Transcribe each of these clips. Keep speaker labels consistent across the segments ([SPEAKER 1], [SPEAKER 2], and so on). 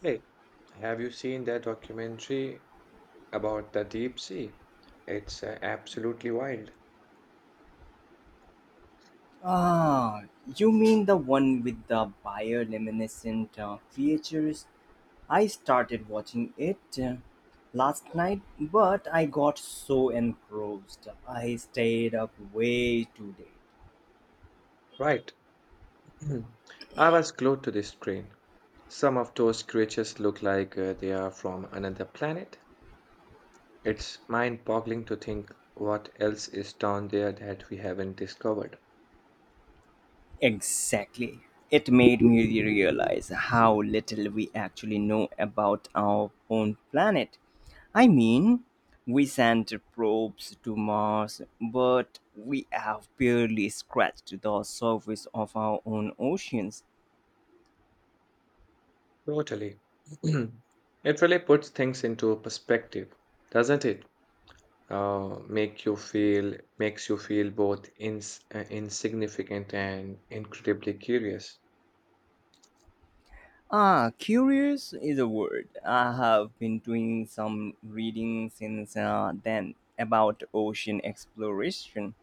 [SPEAKER 1] Hey, have you seen that documentary about the deep sea? It's absolutely wild.
[SPEAKER 2] Ah, you mean the one with the bioluminescent creatures? I started watching it last night, but I got so engrossed. I stayed up way too late.
[SPEAKER 1] Right. I was glued to the screen. Some of those creatures look like they are from another planet. It's mind-boggling to think what else is down there that we haven't discovered.
[SPEAKER 2] Exactly. It made me realize how little we actually know about our own planet. I mean, we sent probes to Mars, but we have barely scratched the surface of our own oceans.
[SPEAKER 1] Totally. It really puts things into perspective, doesn't it? Makes you feel both insignificant and incredibly curious.
[SPEAKER 2] Ah, curious is a word. I have been doing some reading since then about ocean exploration.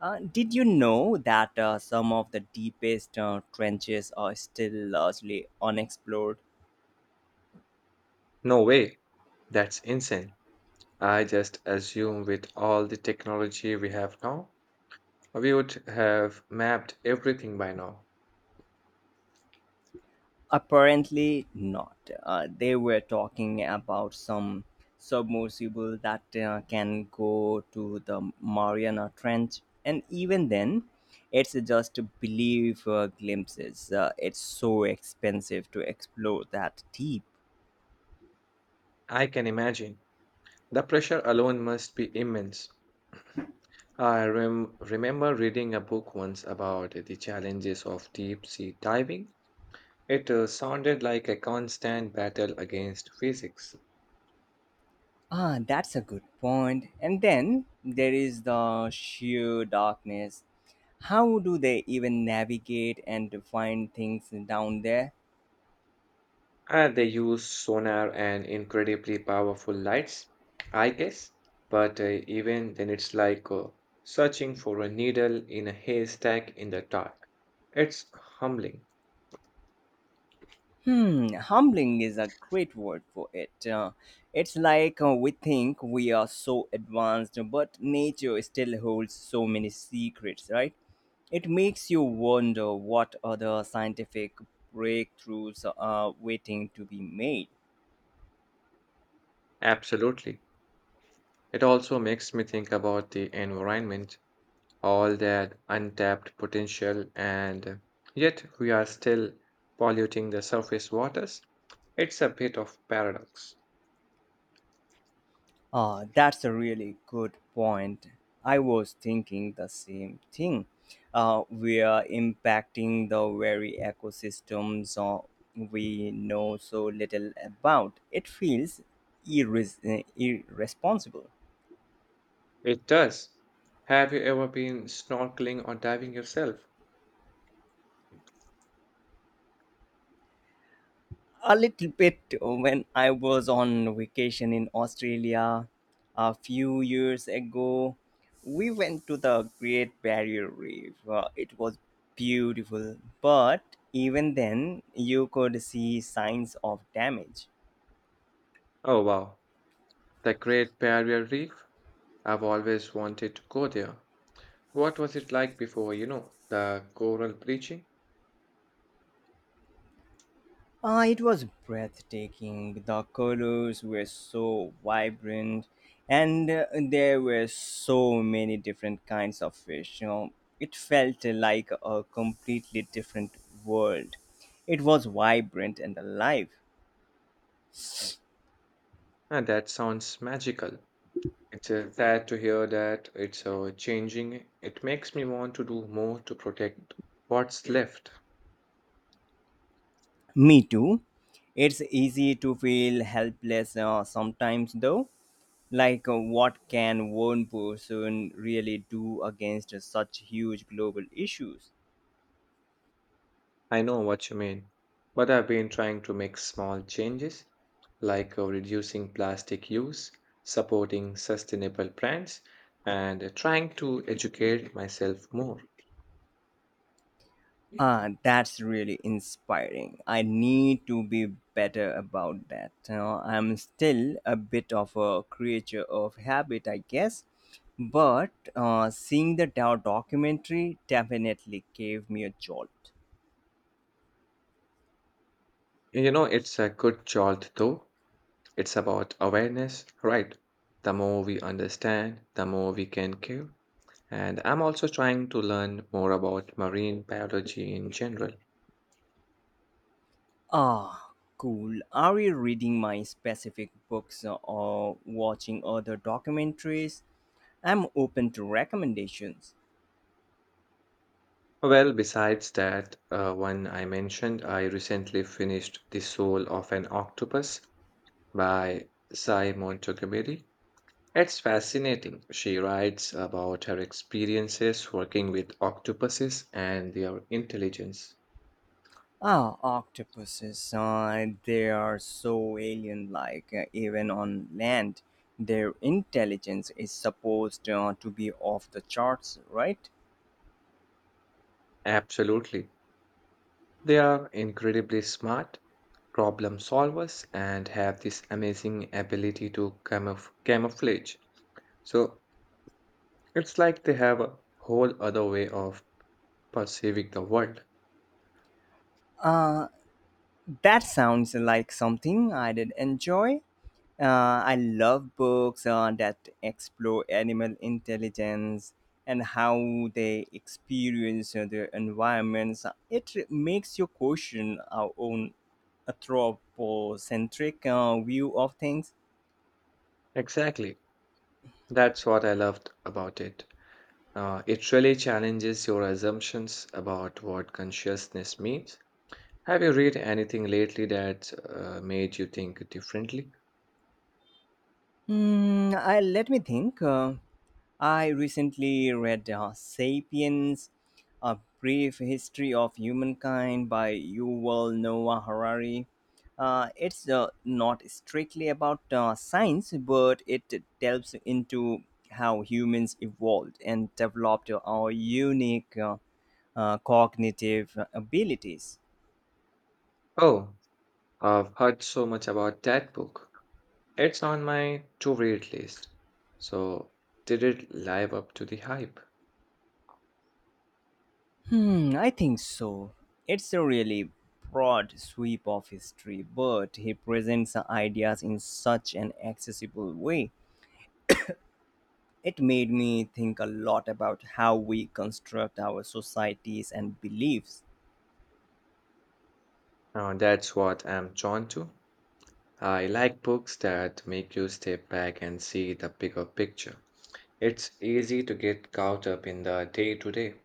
[SPEAKER 2] Did you know that some of the deepest trenches are still largely unexplored?
[SPEAKER 1] No way, that's insane. I just assume with all the technology we have now, we would have mapped everything by now.
[SPEAKER 2] Apparently not. They were talking about some submersible that can go to the Mariana Trench, and even then, it's just believe glimpses. It's so expensive to explore that deep.
[SPEAKER 1] I can imagine. The pressure alone must be immense. I remember reading a book once about the challenges of deep sea diving. It sounded like a constant battle against physics.
[SPEAKER 2] Ah, that's a good point. And then there is the sheer darkness. How do they even navigate and find things down there?
[SPEAKER 1] They use sonar and incredibly powerful lights, I guess. But even then, it's like searching for a needle in a haystack in the dark. It's humbling.
[SPEAKER 2] Hmm, humbling is a great word for it. It's like we think we are so advanced, but nature still holds so many secrets, right? It makes you wonder what other scientific breakthroughs are waiting to be made.
[SPEAKER 1] Absolutely. It also makes me think about the environment, all that untapped potential, and yet we are still polluting the surface waters. It's a bit of paradox.
[SPEAKER 2] Ah, that's a really good point. I was thinking the same thing. We are impacting the very ecosystems we know so little about. It feels irresponsible.
[SPEAKER 1] It does. Have you ever been snorkeling or diving yourself?
[SPEAKER 2] A little bit when I was on vacation in Australia a few years ago. We went to the Great Barrier Reef. It was beautiful, but even then, you could see signs of damage.
[SPEAKER 1] Oh wow, the Great Barrier Reef. I've always wanted to go there. What was it like before, you know, the coral bleaching?
[SPEAKER 2] It was breathtaking. The colors were so vibrant, and there were so many different kinds of fish. You know, it felt like a completely different world. It was vibrant and alive.
[SPEAKER 1] And that sounds magical. It's sad to hear that it's changing. It makes me want to do more to protect what's left.
[SPEAKER 2] Me too. It's easy to feel helpless sometimes, though. Like, what can one person really do against such huge global issues?
[SPEAKER 1] I know what you mean, but I've been trying to make small changes, like reducing plastic use, supporting sustainable brands, and trying to educate myself more.
[SPEAKER 2] Ah, that's really inspiring. I need to be better about that. You know, I'm still a bit of a creature of habit, I guess. But seeing the Dow documentary definitely gave me a jolt.
[SPEAKER 1] You know, it's a good jolt though. It's about awareness, right? The more we understand, the more we can care. And I'm also trying to learn more about marine biology in general.
[SPEAKER 2] Ah, cool. Are you reading my specific books or watching other documentaries? I'm open to recommendations.
[SPEAKER 1] Well, besides that one I mentioned, I recently finished The Soul of an Octopus by Sai Montgomery. It's fascinating. She writes about her experiences working with octopuses and their intelligence.
[SPEAKER 2] Ah, octopuses. They are so alien like. Uh, even on land, their intelligence is supposed to be off the charts, right?
[SPEAKER 1] Absolutely. They are incredibly smart problem solvers and have this amazing ability to camouflage. So it's like they have a whole other way of perceiving the world.
[SPEAKER 2] Uh, that sounds like something I did enjoy. I love books that explore animal intelligence and how they experience their environments. It makes you question our own anthropocentric view of things.
[SPEAKER 1] Exactly. That's what I loved about it. It really challenges your assumptions about what consciousness means. Have you read anything lately that made you think differently?
[SPEAKER 2] Let me think. I recently read *Sapiens: A Brief History of Humankind* by Yuval Noah Harari. It's not strictly about science, but it delves into how humans evolved and developed our unique cognitive abilities.
[SPEAKER 1] Oh, I've heard so much about that book. It's on my to read list. So, did it live up to the hype?
[SPEAKER 2] Hmm, I think so. It's a really broad sweep of history, but he presents the ideas in such an accessible way. It made me think a lot about how we construct our societies and beliefs.
[SPEAKER 1] That's what I'm drawn to. I like books that make you step back and see the bigger picture. It's easy to get caught up in the day to day.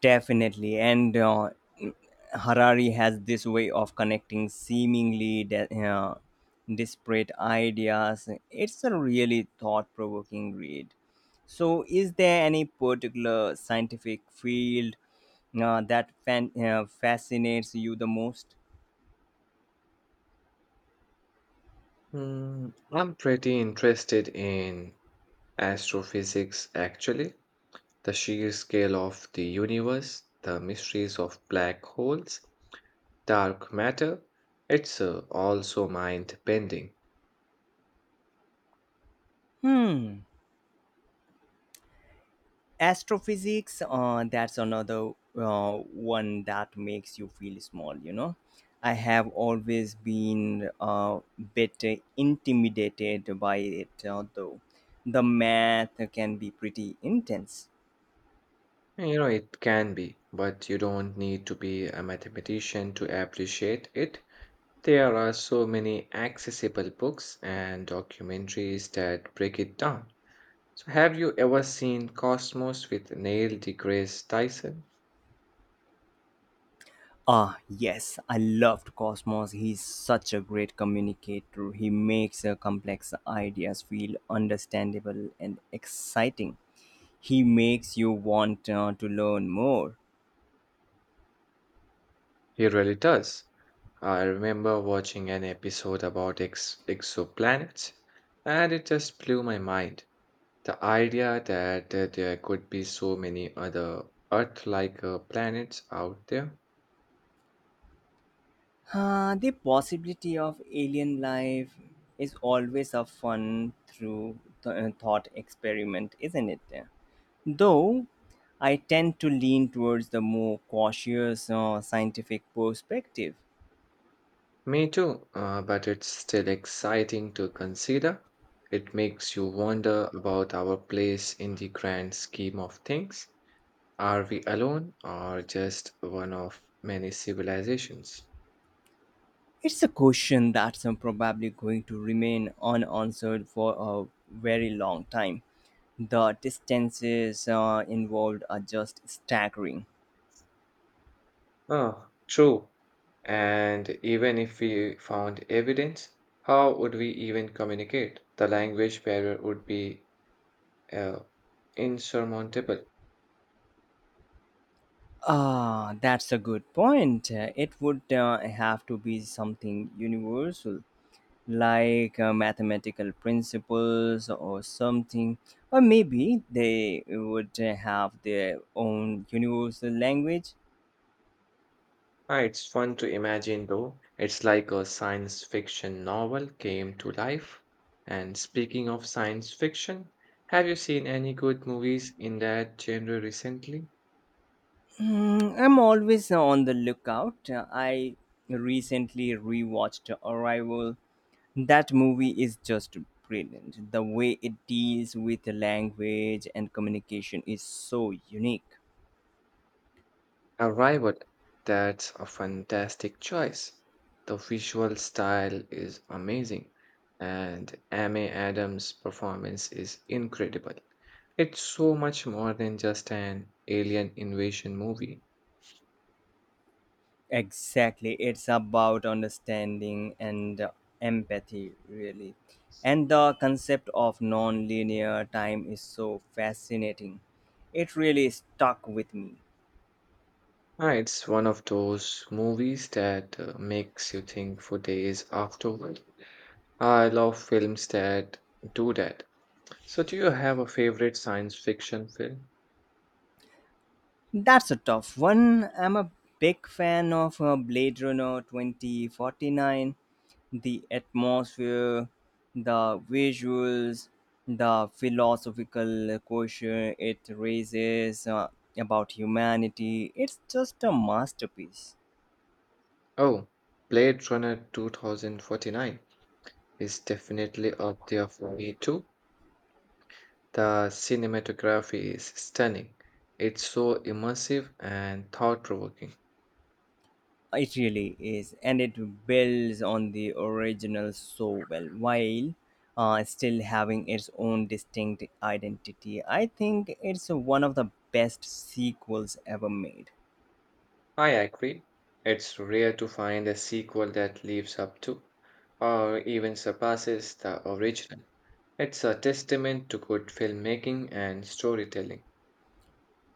[SPEAKER 2] Definitely. And Harari has this way of connecting seemingly disparate ideas. It's a really thought provoking read. So, is there any particular scientific field that fascinates you the most?
[SPEAKER 1] Hmm, I'm pretty interested in astrophysics, actually. The sheer scale of the universe, the mysteries of black holes, dark matter. It's also mind bending.
[SPEAKER 2] Hmm. Astrophysics, that's another one that makes you feel small, you know. I have always been a bit intimidated by it, although the math can be pretty intense.
[SPEAKER 1] You know, it can be, but you don't need to be a mathematician to appreciate it. There are so many accessible books and documentaries that break it down. So, have you ever seen Cosmos with Neil deGrasse Tyson?
[SPEAKER 2] Ah, yes, I loved Cosmos. He's such a great communicator. He makes complex ideas feel understandable and exciting. He makes you want to learn more.
[SPEAKER 1] He really does. I remember watching an episode about exoplanets, and it just blew my mind. The idea that there could be so many other Earth like planets out there.
[SPEAKER 2] The possibility of alien life is always a fun thought experiment, isn't it? Though I tend to lean towards the more cautious scientific perspective.
[SPEAKER 1] Me too, but it's still exciting to consider. It makes you wonder about our place in the grand scheme of things. Are we alone or just one of many civilizations?
[SPEAKER 2] It's a question that's probably going to remain unanswered for a very long time. The distances involved are just staggering.
[SPEAKER 1] Ah, true. And even if we found evidence, how would we even communicate? The language barrier would be uh, insurmountable.
[SPEAKER 2] Ah, that's a good point. It would have to be something universal, like mathematical principles or something. Or maybe they would have their own universal language.
[SPEAKER 1] Ah, it's fun to imagine, though. It's like a science fiction novel came to life. And speaking of science fiction, have you seen any good movies in that genre recently?
[SPEAKER 2] Hmm, I'm always on the lookout. I recently rewatched Arrival. That movie is just brilliant. The way it deals with the language and communication is so unique.
[SPEAKER 1] Arrival, that's a fantastic choice. The visual style is amazing, and Amy Adams' performance is incredible. It's so much more than just an alien invasion movie.
[SPEAKER 2] Exactly. It's about understanding and empathy, really. And the concept of non linear time is so fascinating. It really stuck with me.
[SPEAKER 1] It's one of those movies that makes you think for days afterward. I love films that do that. So, do you have a favorite science fiction film?
[SPEAKER 2] That's a tough one. I'm a big fan of Blade Runner 2049. The atmosphere, the visuals, the philosophical question it raises about humanity. It's just a masterpiece.
[SPEAKER 1] Oh, Blade Runner 2049 is definitely up there for me too. The cinematography is stunning. It's so immersive and thought-provoking.
[SPEAKER 2] It really is, and it builds on the original so well while still having its own distinct identity. I think it's one of the best sequels ever made.
[SPEAKER 1] I agree. It's rare to find a sequel that lives up to, or even surpasses, the original. It's a testament to good filmmaking and storytelling.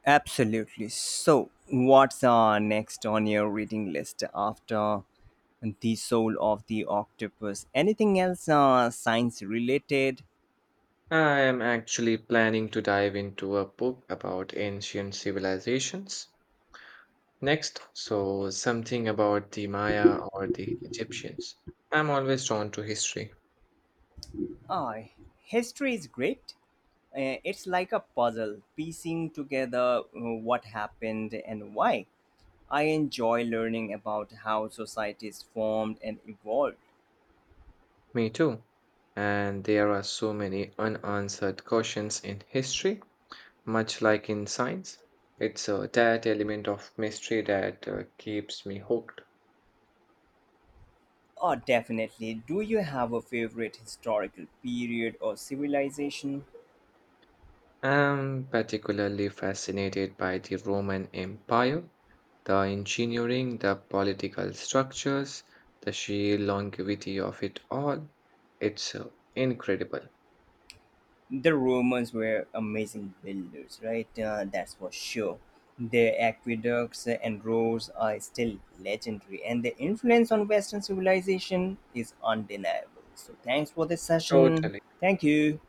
[SPEAKER 2] Absolutely. So, what's next on your reading list after The Soul of the Octopus? Anything else science related?
[SPEAKER 1] I am actually planning to dive into a book about ancient civilizations next, so something about the Maya or the Egyptians. I'm always drawn to history.
[SPEAKER 2] Ah, history is great. It's like a puzzle, piecing together what happened and why. I enjoy learning about how societies formed and evolved.
[SPEAKER 1] Me too. And there are so many unanswered questions in history. Much like in science, it's that element of mystery that keeps me hooked.
[SPEAKER 2] Oh, definitely. Do you have a favorite historical period or civilization?
[SPEAKER 1] I'm particularly fascinated by the Roman Empire, the engineering, the political structures, the sheer longevity of it all. It's incredible.
[SPEAKER 2] The Romans were amazing builders, right? That's for sure. Their aqueducts and roads are still legendary, and their influence on Western civilization is undeniable. So, thanks for this session.
[SPEAKER 1] Totally.
[SPEAKER 2] Thank you.